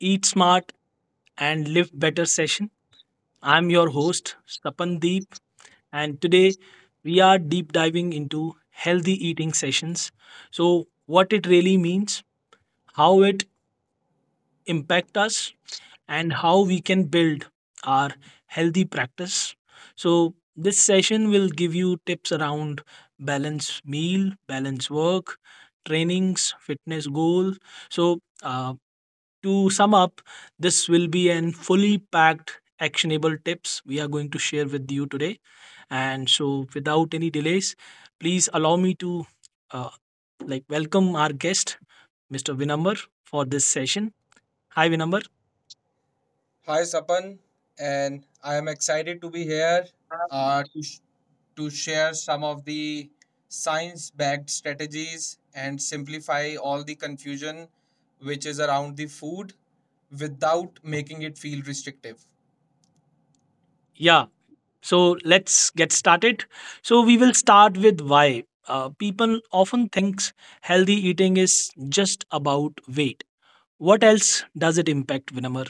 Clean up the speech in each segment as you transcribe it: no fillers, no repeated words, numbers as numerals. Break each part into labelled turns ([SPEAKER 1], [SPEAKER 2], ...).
[SPEAKER 1] Eat Smart and Live Better session. I'm your host, Sapandeep, and today we are deep diving into healthy eating sessions. So, what it really means, how it impacts us, and how we can build our healthy practice. So, this session will give you tips around balance meal, balance work, trainings, fitness goal. So, to sum up, this will be an fully packed actionable tips we are going to share with you today. And so, without any delays, please allow me to uh, welcome our guest, Mr. Vinambar, for this session. Hi, Vinambar.
[SPEAKER 2] Hi, Sapan, and I am excited to be here uh, to, sh- to share some of the science backed strategies and simplify all the confusion which is around the food without making it feel restrictive.
[SPEAKER 1] Yeah. So let's get started. So we will start with why. People often thinks healthy eating is just about weight. What else does it impact, Vinamar?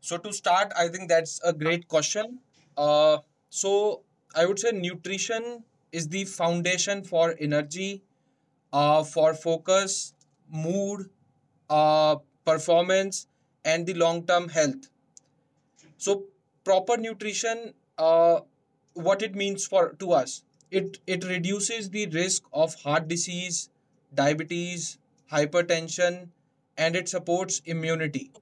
[SPEAKER 2] So, to start, I think that's a great question. Uh, so, I would say nutrition is the foundation for energy, for focus, mood, uh, performance, and the long term health. So, proper nutrition, what it means for to us, it reduces the risk of heart disease, diabetes, hypertension, and it supports immunity.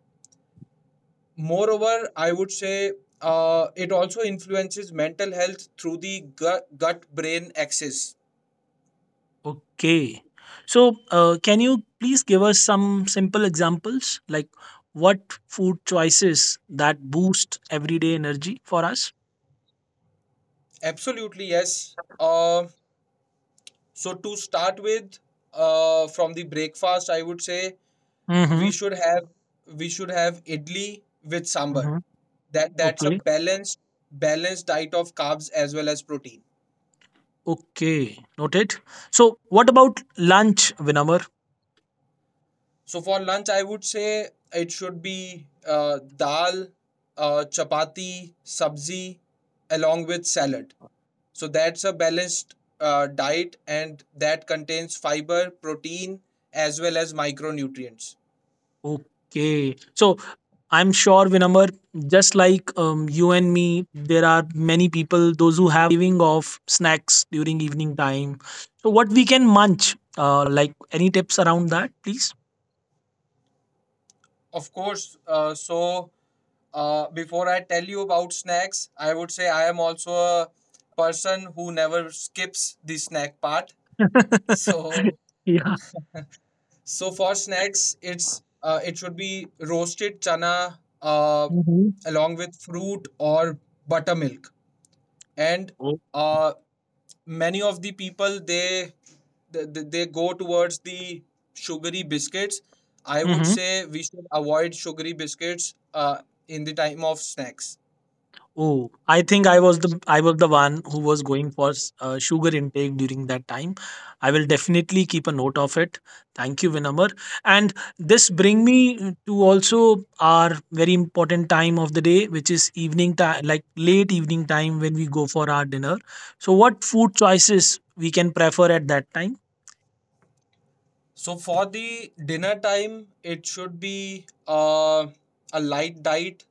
[SPEAKER 2] Moreover, I would say it also influences mental health through the gut brain axis.
[SPEAKER 1] Okay. So, can you please give us some simple examples, like what food choices that boost everyday energy for us?
[SPEAKER 2] Absolutely, yes. So to start with, from the breakfast, I would say
[SPEAKER 1] Mm-hmm.
[SPEAKER 2] we should have we should have idli with sambar.
[SPEAKER 1] Mm-hmm.
[SPEAKER 2] That's a
[SPEAKER 1] Okay.
[SPEAKER 2] balanced diet of carbs as well as protein.
[SPEAKER 1] Okay. Noted. So, what about lunch, Vinamar?
[SPEAKER 2] So for lunch, I would say it should be dal, chapati, sabzi, along with salad. So that's a balanced diet, and that contains fiber, protein, as well as micronutrients.
[SPEAKER 1] Okay. So, I'm sure, Vinamar, just like you and me, there are many people, those who have a craving of snacks during evening time. So, what we can munch? Like any tips around that, please?
[SPEAKER 2] Of course, before I tell you about snacks, I would say I am also a person who never skips the snack part. So,
[SPEAKER 1] Yeah.
[SPEAKER 2] so for snacks, it's it should be roasted chana
[SPEAKER 1] Mhm.
[SPEAKER 2] along with fruit or buttermilk. And
[SPEAKER 1] Oh.
[SPEAKER 2] uh, many of the people they they go towards the sugary biscuits. I would
[SPEAKER 1] Mhm.
[SPEAKER 2] say we should avoid sugary biscuits in the time of snacks.
[SPEAKER 1] Oh, I think I was the one who was going for sugar intake during that time. I will definitely keep a note of it. Thank you, Vinamar. And this bring me to also our very important time of the day, which is evening time, like late evening time when we go for our dinner. So, what food choices we can prefer at that time?
[SPEAKER 2] So for the dinner time, it should be a light diet,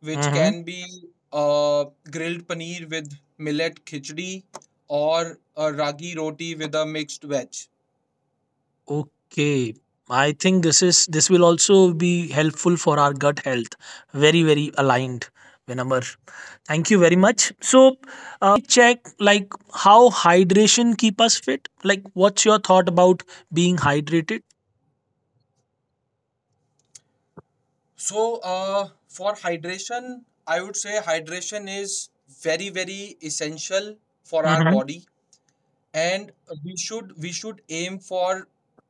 [SPEAKER 2] which
[SPEAKER 1] Mm-hmm.
[SPEAKER 2] can be grilled paneer with millet khichdi or a ragi roti with a mixed veg.
[SPEAKER 1] Okay, I think this will also be helpful for our gut health. Very very aligned, Vinamar. Thank you very much. So, uh, if I may check, like how hydration keep us fit. Like, what's your thought about being hydrated?
[SPEAKER 2] So for hydration, I would say hydration is very very essential for our
[SPEAKER 1] Mm-hmm.
[SPEAKER 2] body and we should aim for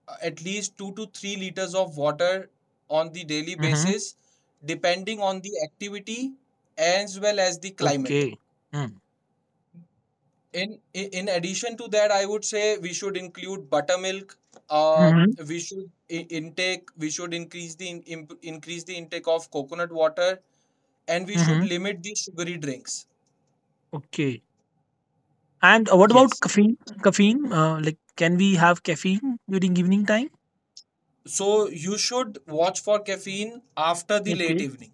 [SPEAKER 2] at least 2 to 3 liters of water on the daily
[SPEAKER 1] Mm-hmm.
[SPEAKER 2] basis depending on the activity as well as the climate
[SPEAKER 1] Okay. Mm.
[SPEAKER 2] in in addition to that, I would say we should include buttermilk, uh,
[SPEAKER 1] Mm-hmm.
[SPEAKER 2] intake, we should increase the increase the intake of coconut water, and we should
[SPEAKER 1] Mm-hmm.
[SPEAKER 2] limit the sugary drinks.
[SPEAKER 1] Okay. And what about
[SPEAKER 2] Yes,
[SPEAKER 1] caffeine? Caffeine? Like, can we have caffeine during evening time?
[SPEAKER 2] so you should watch for caffeine after the late
[SPEAKER 1] Okay.
[SPEAKER 2] evening.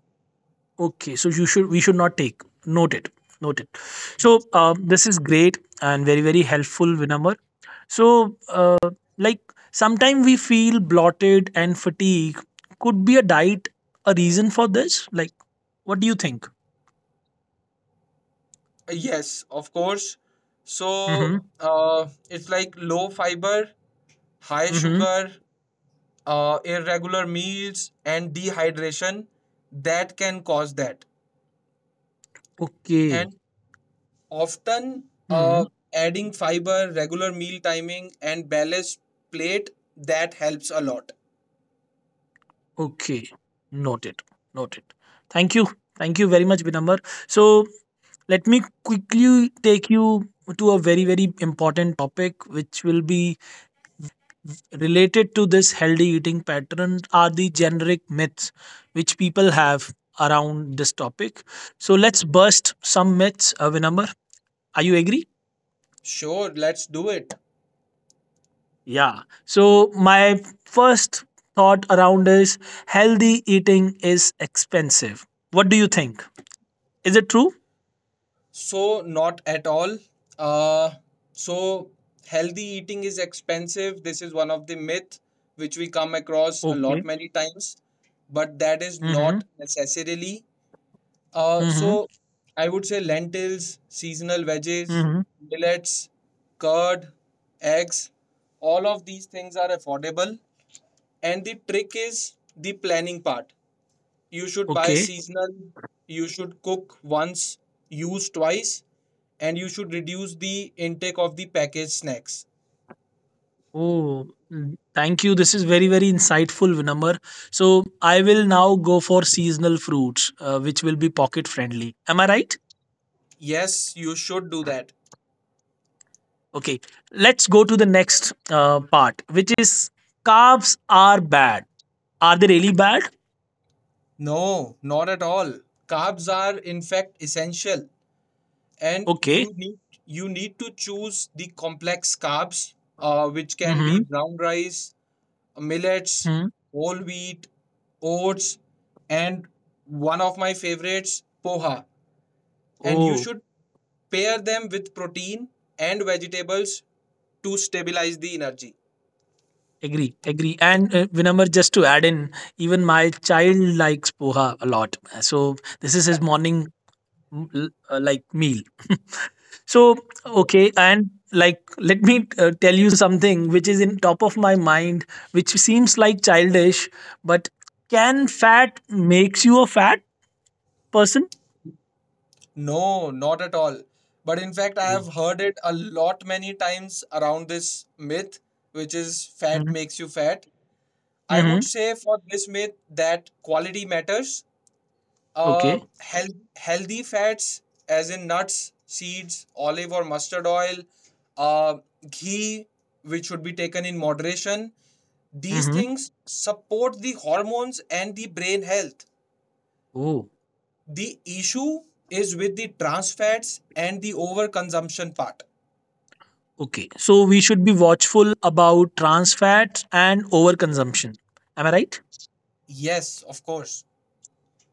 [SPEAKER 1] Okay, so you should we should not take. Noted. Noted. So this is great and very very helpful, Vinamar. So like sometimes we feel bloated and fatigue. Could be a reason for this? Like what do you think?
[SPEAKER 2] Yes, of course. So
[SPEAKER 1] Mm-hmm.
[SPEAKER 2] it's like low fiber, high
[SPEAKER 1] Mm-hmm.
[SPEAKER 2] sugar, irregular meals, and dehydration that can cause that.
[SPEAKER 1] Okay.
[SPEAKER 2] And often
[SPEAKER 1] Hmm.
[SPEAKER 2] adding fiber, regular meal timing, and balanced plate that helps a lot.
[SPEAKER 1] Okay. Noted. Noted. Thank you. Thank you very much, Vinamar. So let me quickly take you to a very very important topic, which will be related to this healthy eating pattern are the generic myths which people have around this topic. So let's burst some myths, Vinamr. Are you agree?
[SPEAKER 2] Sure, let's do it.
[SPEAKER 1] Yeah. So my first thought around is healthy eating is expensive. What do you think? Is it true?
[SPEAKER 2] So, not at all. Uh, so, healthy eating is expensive. This is one of the myth which we come across a
[SPEAKER 1] Okay.
[SPEAKER 2] lot many times, but that is not
[SPEAKER 1] Mm-hmm.
[SPEAKER 2] necessarily. Uh,
[SPEAKER 1] Mm-hmm.
[SPEAKER 2] so, I would say lentils, seasonal veggies,
[SPEAKER 1] Mm-hmm.
[SPEAKER 2] millets, curd, eggs, all of these things are affordable. And the trick is the planning part. You should buy
[SPEAKER 1] Okay.
[SPEAKER 2] seasonal. You should cook once, use twice, and you should reduce the intake of the packaged snacks.
[SPEAKER 1] Oh, thank you. This is very, very insightful, Vinamar. So I will now go for seasonal fruits, which will be pocket friendly. Am I right?
[SPEAKER 2] Yes, you should do that.
[SPEAKER 1] Okay. Let's go to the next part, which is carbs are bad. Are they really bad?
[SPEAKER 2] No, not at all. Carbs are in fact essential, and
[SPEAKER 1] Okay.
[SPEAKER 2] you need to choose the complex carbs, which can be
[SPEAKER 1] Mm-hmm.
[SPEAKER 2] brown rice, millets,
[SPEAKER 1] Hmm.
[SPEAKER 2] whole wheat, oats, and one of my favorites, poha. And you
[SPEAKER 1] Oh,
[SPEAKER 2] should pair them with protein and vegetables to stabilize the energy.
[SPEAKER 1] agree, agree. And Vinamar, just to add in, even my child likes poha a lot. So this is his morning like meal. So, okay, and like let me tell you something which is in top of my mind which seems like childish but can fat makes you a fat person?
[SPEAKER 2] No, not at all. But in fact, I
[SPEAKER 1] Oh.
[SPEAKER 2] have heard it a lot many times around this myth, which is fat
[SPEAKER 1] Mhm.
[SPEAKER 2] makes you fat. I would
[SPEAKER 1] Mhm.
[SPEAKER 2] say for this myth that quality matters.
[SPEAKER 1] Okay.
[SPEAKER 2] Healthy fats, as in nuts, seeds, olive or mustard oil, uh, ghee, which should be taken in moderation, these
[SPEAKER 1] Mhm.
[SPEAKER 2] things support the hormones and the brain health.
[SPEAKER 1] Oh,
[SPEAKER 2] The issue is with the trans fats and the overconsumption part.
[SPEAKER 1] okay. So we should be watchful about trans fats and overconsumption. Am I right?
[SPEAKER 2] Yes, of course.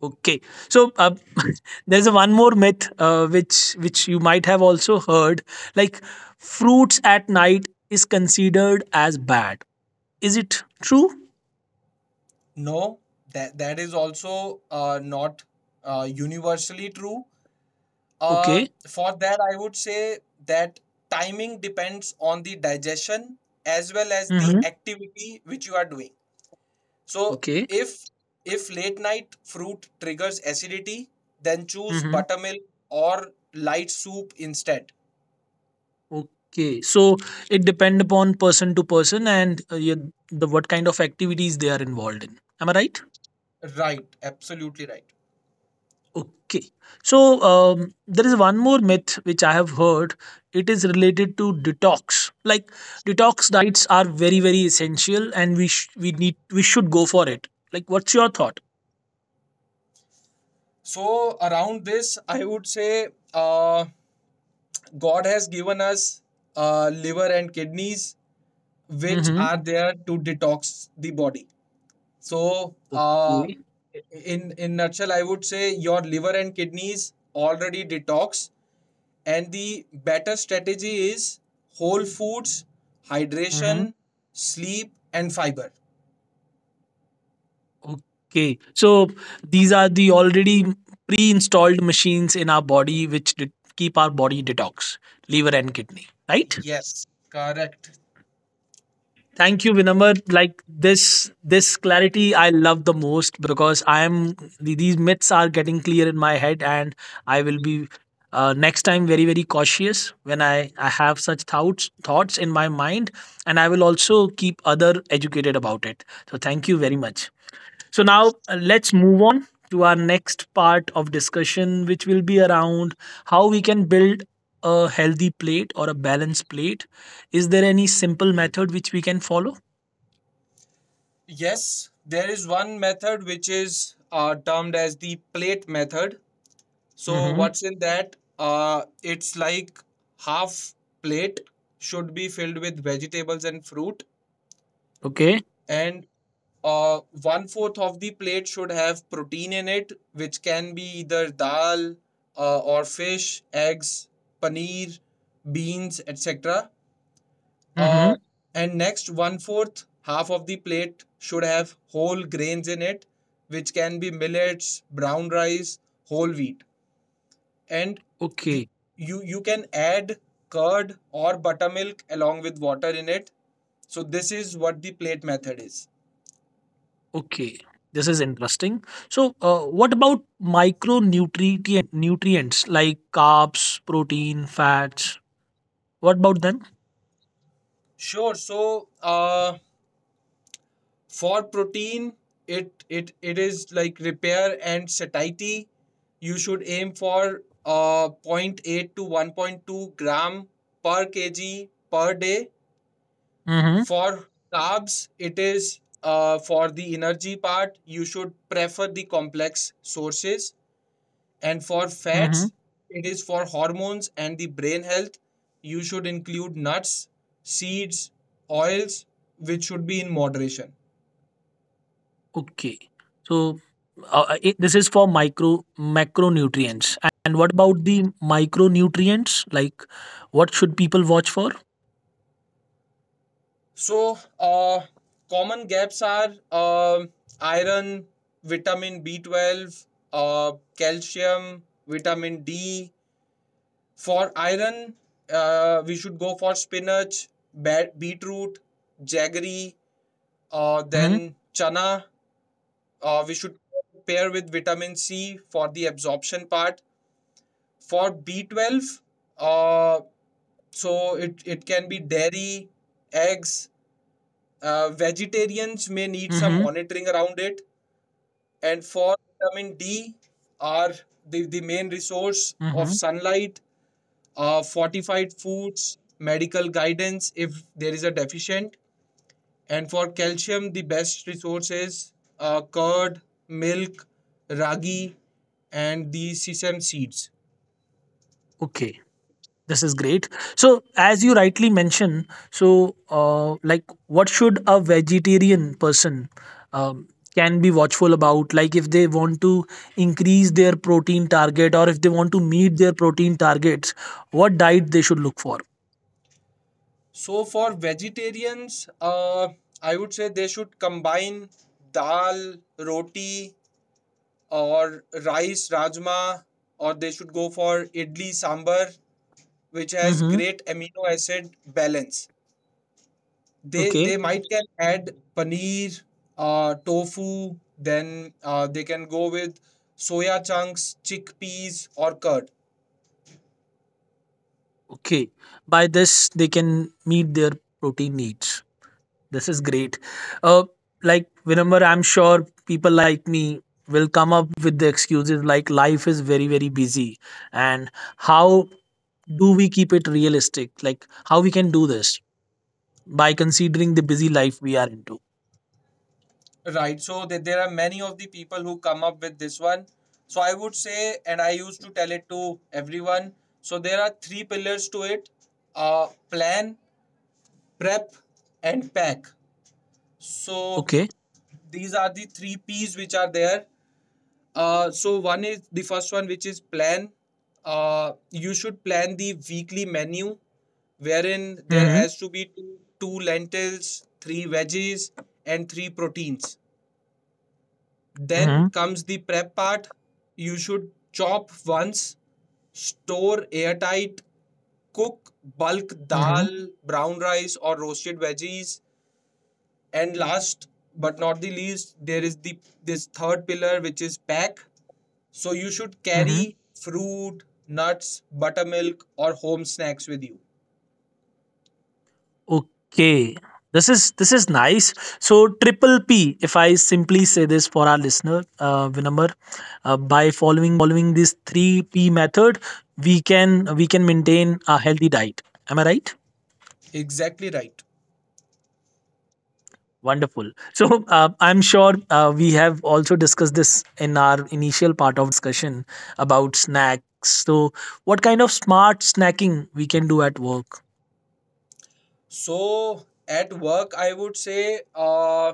[SPEAKER 1] Okay, so there's a one more myth which you might have also heard, like fruits at night is considered as bad. Is it true?
[SPEAKER 2] No, that is also not universally true.
[SPEAKER 1] Okay.
[SPEAKER 2] For that, I would say that timing depends on the digestion as well as the
[SPEAKER 1] Mm-hmm.
[SPEAKER 2] activity which you are doing. So
[SPEAKER 1] Okay.
[SPEAKER 2] if late night fruit triggers acidity, then choose
[SPEAKER 1] Mm-hmm.
[SPEAKER 2] buttermilk or light soup instead.
[SPEAKER 1] Okay. So it depend upon person to person and you, the what kind of activities they are involved in. Am I right?
[SPEAKER 2] Right, absolutely right.
[SPEAKER 1] Okay. So there is one more myth which I have heard. It is related to detox. Like detox diets are very very essential, and we sh- we need we should go for it. Like, what's your thought?
[SPEAKER 2] So around this, I would say God has given us liver and kidneys, which are
[SPEAKER 1] Mm-hmm.
[SPEAKER 2] there to detox the body. So
[SPEAKER 1] Okay.
[SPEAKER 2] in nutshell, I would say your liver and kidneys already detox, and the better strategy is whole foods,
[SPEAKER 1] Mm-hmm.
[SPEAKER 2] hydration, sleep, and fiber.
[SPEAKER 1] Okay. So these are the already pre-installed machines in our body which keep our body detox, liver and kidney, right?
[SPEAKER 2] Yes, correct.
[SPEAKER 1] Thank you, Vinamar. Like this clarity I love the most because these myths are getting clear in my head, and I will be next time very very cautious when I have such thoughts in my mind, and I will also keep other educated about it. So thank you very much. So now let's move on to our next part of discussion, which will be around how we can build a healthy plate or a balanced plate. Is there any simple method which we can follow?
[SPEAKER 2] Yes, there is one method which is termed as the plate method. So
[SPEAKER 1] Mhm.
[SPEAKER 2] what's in that? It's like half plate should be filled with vegetables and fruit,
[SPEAKER 1] Okay.
[SPEAKER 2] and one fourth of the plate should have protein in it, which can be either dal or fish, eggs, paneer, beans, etc.
[SPEAKER 1] Mhm.
[SPEAKER 2] Uh, and next, one fourth half of the plate should have whole grains in it, which can be millets, brown rice, whole wheat. And we,
[SPEAKER 1] Okay.
[SPEAKER 2] you can add curd or buttermilk along with water in it. So this is what the plate method is.
[SPEAKER 1] Okay. This is interesting. So, what about micronutrient nutrients like carbs, protein, fats? What about them?
[SPEAKER 2] Sure. So, for protein, it is like repair and satiety. You should aim for zero point 0.8 to 1.2 gram per kg per day.
[SPEAKER 1] Mhm.
[SPEAKER 2] For carbs, it is for the energy part. You should prefer the complex sources. And for fats,
[SPEAKER 1] Mhm.
[SPEAKER 2] it is for hormones and the brain health. You should include nuts, seeds, oils, which should be in moderation.
[SPEAKER 1] Okay. So, this is for micro macronutrients. And what about the micronutrients? Like, what should people watch for?
[SPEAKER 2] So, common gaps are iron, vitamin B12, calcium, vitamin D. For iron, we should go for spinach, beetroot, jaggery, then
[SPEAKER 1] Mhm.
[SPEAKER 2] chana. We should pair with vitamin C for the absorption part. For B12, uh, it can be dairy, eggs. Vegetarians may need some
[SPEAKER 1] Mhm.
[SPEAKER 2] monitoring around it. And for vitamin D, are the main resource of
[SPEAKER 1] Mhm.
[SPEAKER 2] sunlight, fortified foods, medical guidance if there is a deficient. And for calcium, the best resources are curd, milk, ragi, and the sesame seeds.
[SPEAKER 1] Okay. This is great. So, as you rightly mentioned, so like, what should a vegetarian person um, can be watchful about? Like, if they want to increase their protein target or if they want to meet their protein targets, what diet they should look for?
[SPEAKER 2] So for vegetarians, I would say they should combine dal, roti, or rice, rajma, or they should go for idli sambar, which has
[SPEAKER 1] Mm-hmm.
[SPEAKER 2] great amino acid balance. they
[SPEAKER 1] Okay.
[SPEAKER 2] they might can add paneer, tofu, then they can go with soya chunks, chickpeas, or curd.
[SPEAKER 1] Okay, by this they can meet their protein needs. This is great. Uh, like Vinambar, I'm sure people like me will come up with the excuses like life is very very busy, and how do we keep it realistic? Like how we can do this by considering the busy life we are into.
[SPEAKER 2] Right. So there are many of the people who come up with this one. So I would say, and I used to tell it to everyone, so there are three pillars to it: plan, prep, and pack. So
[SPEAKER 1] Okay.
[SPEAKER 2] these are the three p's which are there. So one is the first one, which is plan. You should plan the weekly menu, wherein there
[SPEAKER 1] Mm-hmm.
[SPEAKER 2] has to be two lentils, three veggies, and three proteins. Then
[SPEAKER 1] Mm-hmm.
[SPEAKER 2] comes the prep part. You should chop once, store airtight, cook bulk
[SPEAKER 1] Mm-hmm.
[SPEAKER 2] dal, brown rice, or roasted veggies. And last but not the least, there is the this third pillar, which is pack. So you should
[SPEAKER 1] Mm-hmm.
[SPEAKER 2] carry fruit, nuts, buttermilk, or home snacks with you.
[SPEAKER 1] Okay. This is nice. So triple P, if I simply say this for our listener, Vinamar, by following this 3P method, we can maintain a healthy diet. Am I right?
[SPEAKER 2] Exactly right.
[SPEAKER 1] Wonderful. So I'm sure we have also discussed this in our initial part of discussion about snacks. So what kind of smart snacking we can do at work?
[SPEAKER 2] So at work, I would say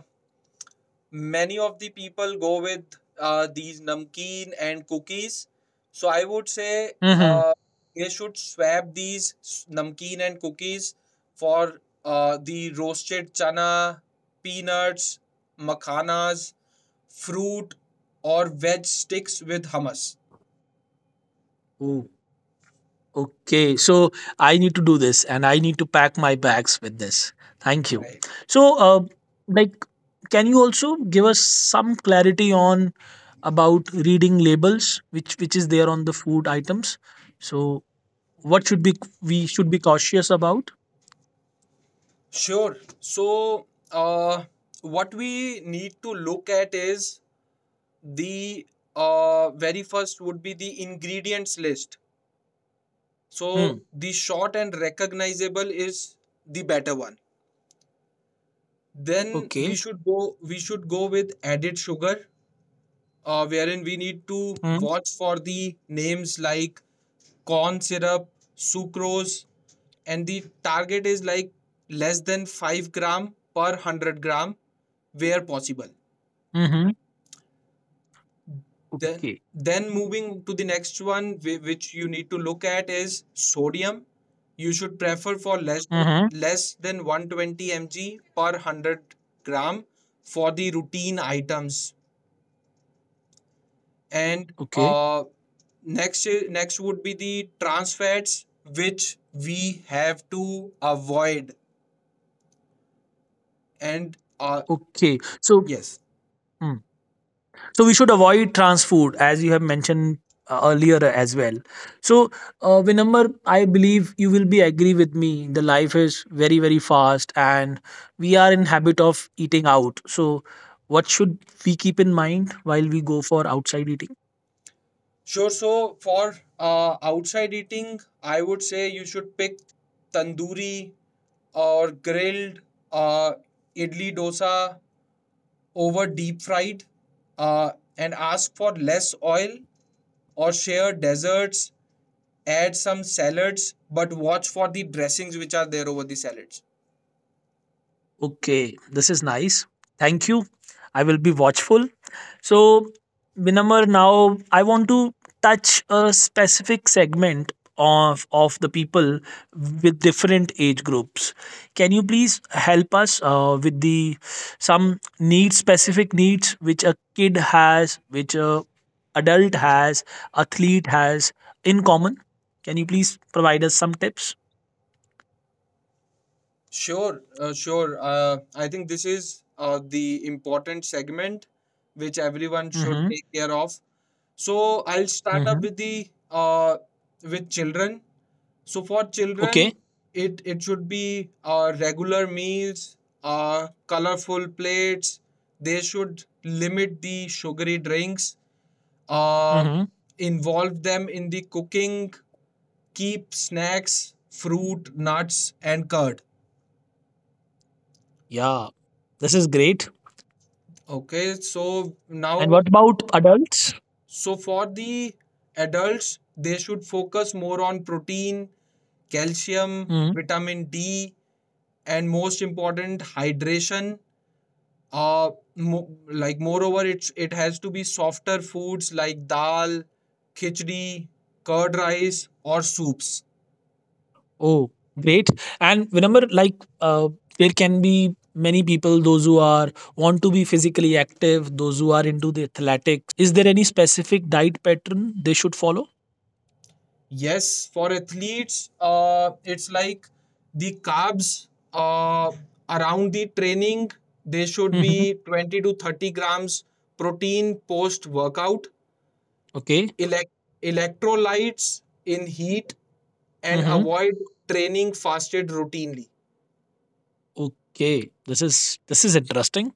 [SPEAKER 2] many of the people go with these namkeen and cookies. So I would say
[SPEAKER 1] Mm-hmm.
[SPEAKER 2] they should swap these namkeen and cookies for the roasted chana, peanuts, makhanas, fruit, or veg sticks with hummus.
[SPEAKER 1] Okay, so I need to do this and I need to pack my bags with this. Thank you.
[SPEAKER 2] Right.
[SPEAKER 1] So, like, can you also give us some clarity on about reading labels, which is there on the food items? So, what should be we should be cautious about?
[SPEAKER 2] Sure. So, what we need to look at is the very first would be the ingredients list. So
[SPEAKER 1] Hmm.
[SPEAKER 2] the short and recognizable is the better one. Then
[SPEAKER 1] Okay.
[SPEAKER 2] we should go with added sugar, wherein we need to
[SPEAKER 1] Hmm.
[SPEAKER 2] watch for the names like corn syrup, sucrose, and the target is like less than 5 gram per 100-gram where possible.
[SPEAKER 1] Mm-hmm.
[SPEAKER 2] Then,
[SPEAKER 1] Okay.
[SPEAKER 2] then moving to the next one, which you need to look at is sodium. You should prefer for
[SPEAKER 1] Mm-hmm.
[SPEAKER 2] less than 120 mg per 100 gram for the routine items. And
[SPEAKER 1] Okay.
[SPEAKER 2] next would be the trans fats, which we have to avoid. And
[SPEAKER 1] Okay. So,
[SPEAKER 2] yes.
[SPEAKER 1] hmm. so we should avoid trans food as you have mentioned earlier as well. So Vinamar, I believe you will be agree with me the life is very very fast and we are in habit of eating out. So what should we keep in mind while we go for outside eating?
[SPEAKER 2] Sure. So for outside eating, I would say you should pick tandoori or grilled uh, idli dosa over deep fried uh, and ask for less oil or share desserts, add some salads, but watch for the dressings which are there over the salads.
[SPEAKER 1] Okay, this is nice. Thank you, I will be watchful. So, Vinamr, now I want to touch a specific segment of the people with different age groups. Can you please help us with specific needs which a kid has, which a adult has, athlete has in common? Can you please provide us some tips?
[SPEAKER 2] Sure. I think this is the important segment which everyone should
[SPEAKER 1] Mm-hmm.
[SPEAKER 2] take care of. So I'll start up
[SPEAKER 1] Mm-hmm.
[SPEAKER 2] with the with children. So for children,
[SPEAKER 1] Okay.
[SPEAKER 2] it should be regular meals, colorful plates. They should limit the sugary drinks. Uh,
[SPEAKER 1] Mm-hmm.
[SPEAKER 2] Involve them in the cooking. Keep snacks, fruit, nuts, and curd.
[SPEAKER 1] Yeah, this is great.
[SPEAKER 2] Okay, so
[SPEAKER 1] And
[SPEAKER 2] now,
[SPEAKER 1] what about adults?
[SPEAKER 2] so for the adults, they should focus more on protein, calcium, vitamin D, and most important, hydration. Like moreover, it's it has to be softer foods like dal, khichdi, curd rice, or soups.
[SPEAKER 1] Oh, great. And remember, like, uh, there can be many people, those who are want to be physically active, those who are into the athletics. Is there any specific diet pattern they should follow?
[SPEAKER 2] Yes, for athletes, it's like the carbs around the training, they should
[SPEAKER 1] Mm-hmm.
[SPEAKER 2] be 20 to 30 grams protein post workout,
[SPEAKER 1] Okay.
[SPEAKER 2] elect- electrolytes in heat, and
[SPEAKER 1] Mm-hmm.
[SPEAKER 2] avoid training fasted routinely.
[SPEAKER 1] Okay. This is interesting.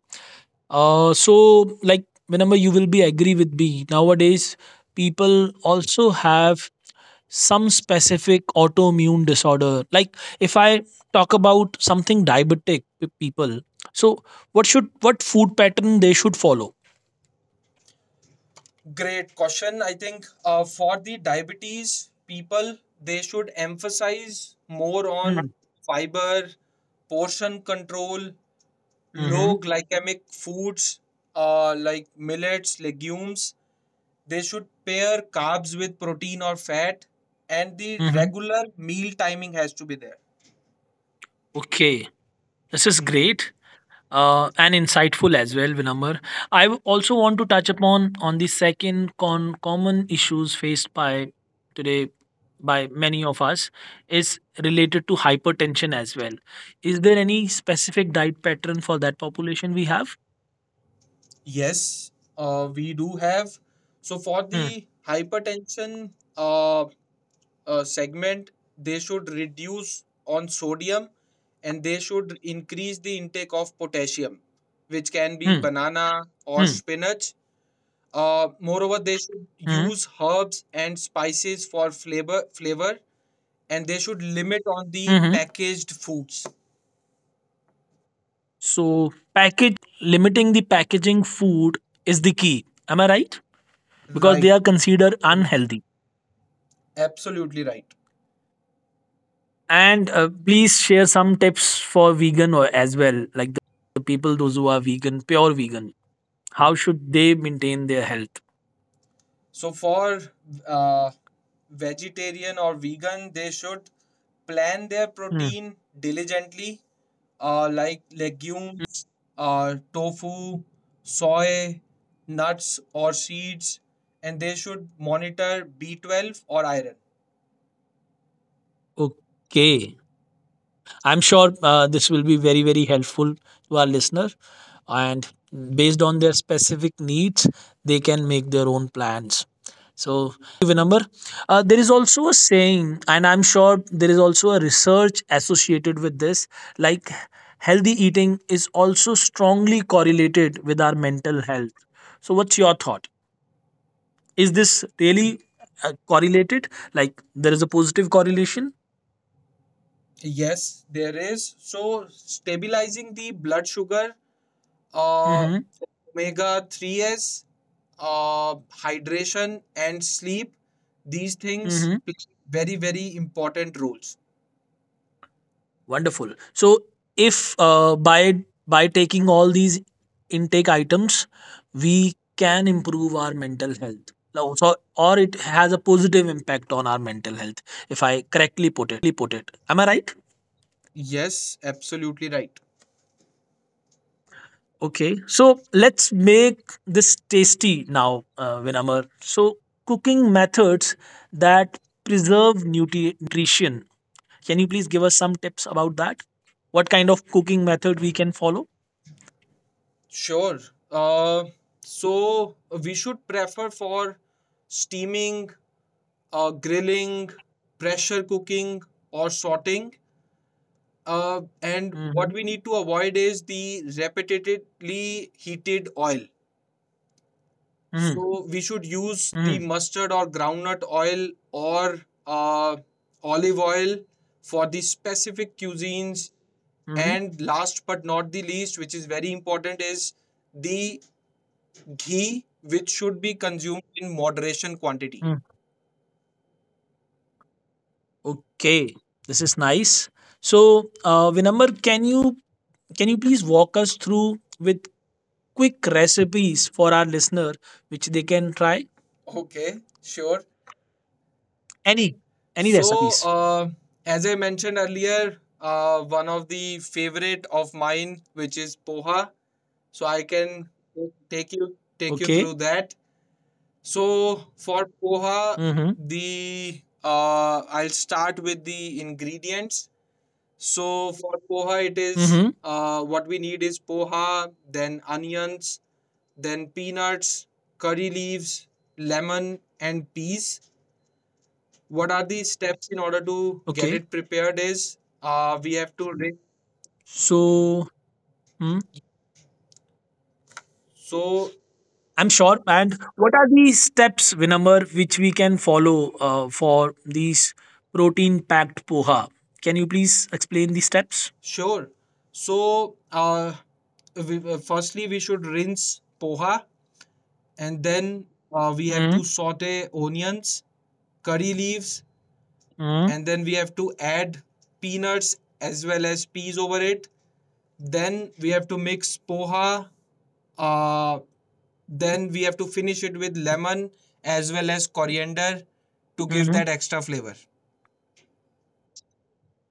[SPEAKER 1] So like, whenever you will be agree with me, nowadays people also have some specific autoimmune disorder. Like, if I talk about something diabetic people, so what food pattern they should follow?
[SPEAKER 2] Great question. I think for the diabetes people, they should emphasize more on
[SPEAKER 1] Mm-hmm.
[SPEAKER 2] fiber, portion control,
[SPEAKER 1] Mm-hmm.
[SPEAKER 2] low glycemic foods like millets, legumes. They should pair carbs with protein or fat, and the regular meal timing has to be there.
[SPEAKER 1] Okay, this is great and insightful as well, Vinamar. I also want to touch upon on the second common issues faced by today by many of us is related to hypertension as well. Is there any specific diet pattern for that population we have?
[SPEAKER 2] Yes, we do have. So, for
[SPEAKER 1] Hmm.
[SPEAKER 2] the hypertension segment, they should reduce on sodium and they should increase the intake of potassium, which can be
[SPEAKER 1] Hmm.
[SPEAKER 2] banana or spinach. Moreover, they should
[SPEAKER 1] Mm,
[SPEAKER 2] use herbs and spices for flavor, and they should limit on the
[SPEAKER 1] mhm.
[SPEAKER 2] packaged foods.
[SPEAKER 1] So package like limiting the packaging food is the key. Am I right? Because they
[SPEAKER 2] Right,
[SPEAKER 1] are considered unhealthy.
[SPEAKER 2] absolutely right.
[SPEAKER 1] And please share some tips for vegan or as well, like the people those who are vegan, pure vegan. How should they maintain their health?
[SPEAKER 2] So for uh, vegetarian or vegan, they should plan their
[SPEAKER 1] Mm.
[SPEAKER 2] protein diligently, like
[SPEAKER 1] Mm-hmm.
[SPEAKER 2] legumes, tofu, soy, nuts or seeds, and they should monitor B12 or iron.
[SPEAKER 1] Okay. I'm sure this will be very, very helpful to our listener. And based on their specific needs, they can make their own plans. So thank you, Vinamr. There is also a saying, and I'm sure there is also a research associated with this, like healthy eating is also strongly correlated with our mental health. So what's your thought? Is this really correlated? Like there is a positive correlation?
[SPEAKER 2] Yes, there is. So stabilizing the blood sugar, uh,
[SPEAKER 1] Mm-hmm.
[SPEAKER 2] omega three s, uh, hydration, and sleep, these things
[SPEAKER 1] Mm-hmm.
[SPEAKER 2] play very, very important roles.
[SPEAKER 1] Wonderful. So, if by taking all these intake items, we can improve our mental health. Or it has a positive impact on our mental health, if I correctly put it. Am I right?
[SPEAKER 2] Yes, absolutely right.
[SPEAKER 1] Okay. So let's make this tasty now, Vinamar. So cooking methods that preserve nutrition. Can you please give us some tips about that? What kind of cooking method we can follow?
[SPEAKER 2] Sure. Uh, so we should prefer for steaming, grilling, pressure cooking, or sorting. And
[SPEAKER 1] Mm-hmm.
[SPEAKER 2] what we need to avoid is the repetitively heated oil. So we should use the
[SPEAKER 1] Mm,
[SPEAKER 2] mustard or groundnut oil or uh, olive oil for the specific cuisines.
[SPEAKER 1] mm,
[SPEAKER 2] And last but not the least, which is very important, is the ghee, which should be consumed in moderation quantity.
[SPEAKER 1] mm. Okay, this is nice. So, Vinamr, can you please walk us through with quick recipes for our listener, which they can try?
[SPEAKER 2] Okay, sure.
[SPEAKER 1] Any any
[SPEAKER 2] So,
[SPEAKER 1] recipes?
[SPEAKER 2] as I mentioned earlier, one of the favorite of mine, which is poha. So I can take you
[SPEAKER 1] Okay.
[SPEAKER 2] through that. So for poha,
[SPEAKER 1] Mm-hmm.
[SPEAKER 2] the I'll start with the ingredients. So for poha, it is
[SPEAKER 1] Mm-hmm.
[SPEAKER 2] what we need is poha, then onions, then peanuts, curry leaves, lemon, and peas. What are the steps in order to get
[SPEAKER 1] Okay.
[SPEAKER 2] it prepared is we have to
[SPEAKER 1] So, hmm,
[SPEAKER 2] so
[SPEAKER 1] I'm sure. And what are the steps, Vinamr, which we can follow for these protein-packed poha? Can you please explain the steps?
[SPEAKER 2] sure so uh, firstly we should rinse poha, and then we have to
[SPEAKER 1] Mm-hmm.
[SPEAKER 2] saute onions, curry leaves,
[SPEAKER 1] Mm-hmm.
[SPEAKER 2] and then we have to add peanuts as well as peas over it. Then we have to mix poha, uh, then we have to finish it with lemon as well as coriander to give
[SPEAKER 1] Mm-hmm.
[SPEAKER 2] that extra flavor.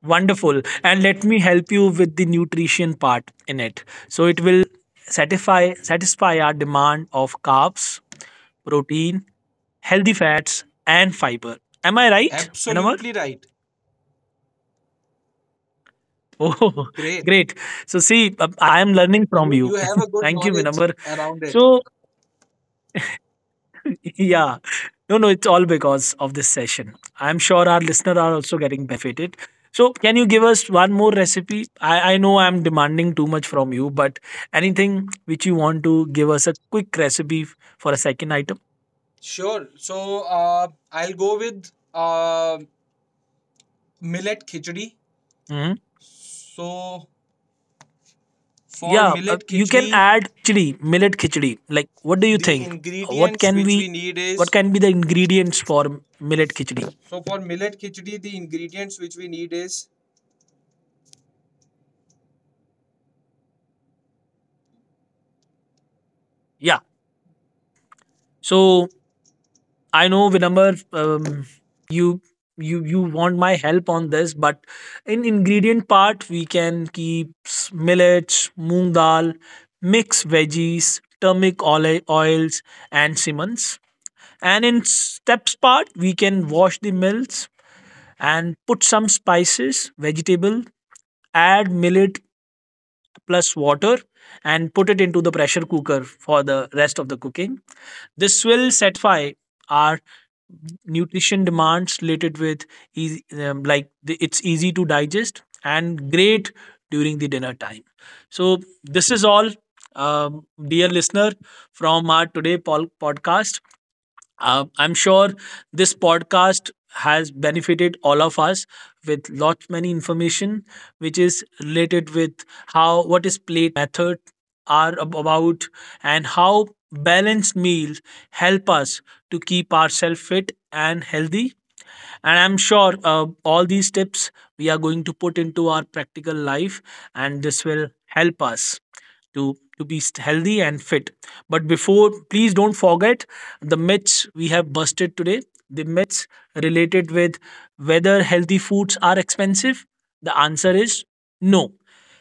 [SPEAKER 1] Wonderful. And let me help you with the nutrition part in it. So it will satisfy our demand of carbs, protein, healthy fats, and fiber. Am I right, Vinamar?
[SPEAKER 2] Absolutely right.
[SPEAKER 1] Oh,
[SPEAKER 2] Great.
[SPEAKER 1] great. So see, I am learning from
[SPEAKER 2] You
[SPEAKER 1] you.
[SPEAKER 2] have a good
[SPEAKER 1] Thank you,
[SPEAKER 2] knowledge
[SPEAKER 1] Vinamar.
[SPEAKER 2] around it.
[SPEAKER 1] So. Yeah. No, no, it's all because of this session. I'm sure our listener are also getting benefited. So can you give us one more recipe? I know I'm demanding too much from you, but anything which you want to give us a quick recipe for a second item?
[SPEAKER 2] Sure. So I'll go with millet khichdi.
[SPEAKER 1] Hmm.
[SPEAKER 2] So for
[SPEAKER 1] Yeah,
[SPEAKER 2] millet
[SPEAKER 1] you
[SPEAKER 2] khichdi,
[SPEAKER 1] can add, I think, khichdi, millet khichdi. Like, what do you
[SPEAKER 2] the
[SPEAKER 1] think? What
[SPEAKER 2] ingredients
[SPEAKER 1] can
[SPEAKER 2] which we
[SPEAKER 1] we,
[SPEAKER 2] need
[SPEAKER 1] what
[SPEAKER 2] is
[SPEAKER 1] can be the ingredients for millet khichdi?
[SPEAKER 2] so for millet khichdi, the ingredients which we need is
[SPEAKER 1] Yeah. So I know, Vinamr, you you want my help on this, but in ingredient part, we can keep millets, moong dal, mixed veggies, turmeric oils, and simmons. And in steps part, we can wash the mills and put some spices, vegetable, add millet plus water and put it into the pressure cooker for the rest of the cooking. This will satisfy our nutrition demands related with easy, like it's easy to digest and great during the dinner time. So this is all, dear listener, from our today podcast. I'm sure this podcast has benefited all of us with lot many information which is related with how what is plate method are about, and how balanced meals help us to keep ourselves fit and healthy. And I'm sure all these tips we are going to put into our practical life, and this will help us to be healthy and fit. But before, please don't forget the myths we have busted today, the myths related with whether healthy foods are expensive. The answer is no.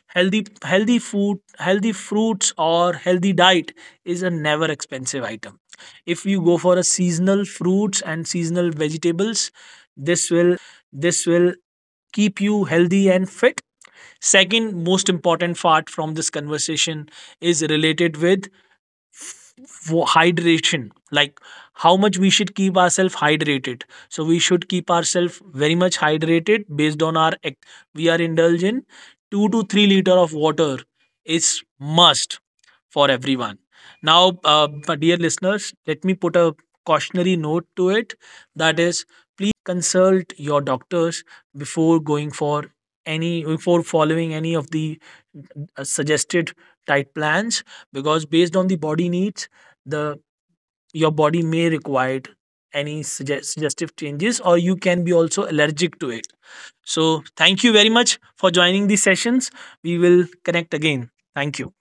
[SPEAKER 1] Healthy food, healthy fruits, or healthy diet is a never expensive item. If you go for a seasonal fruits and seasonal vegetables, this will keep you healthy and fit. Second most important part from this conversation is related with for hydration, like how much we should keep ourselves hydrated. So we should keep ourselves very much hydrated based on our activities we are indulged in. 2 to 3 liter of water is must for everyone now. But dear listeners, let me put a cautionary note to it, that is, please consult your doctors before going for any before following any of the suggested tight plans, because based on the body needs, the your body may require any suggestive changes, or you can be also allergic to it. So thank you very much for joining these sessions. We will connect again. Thank you.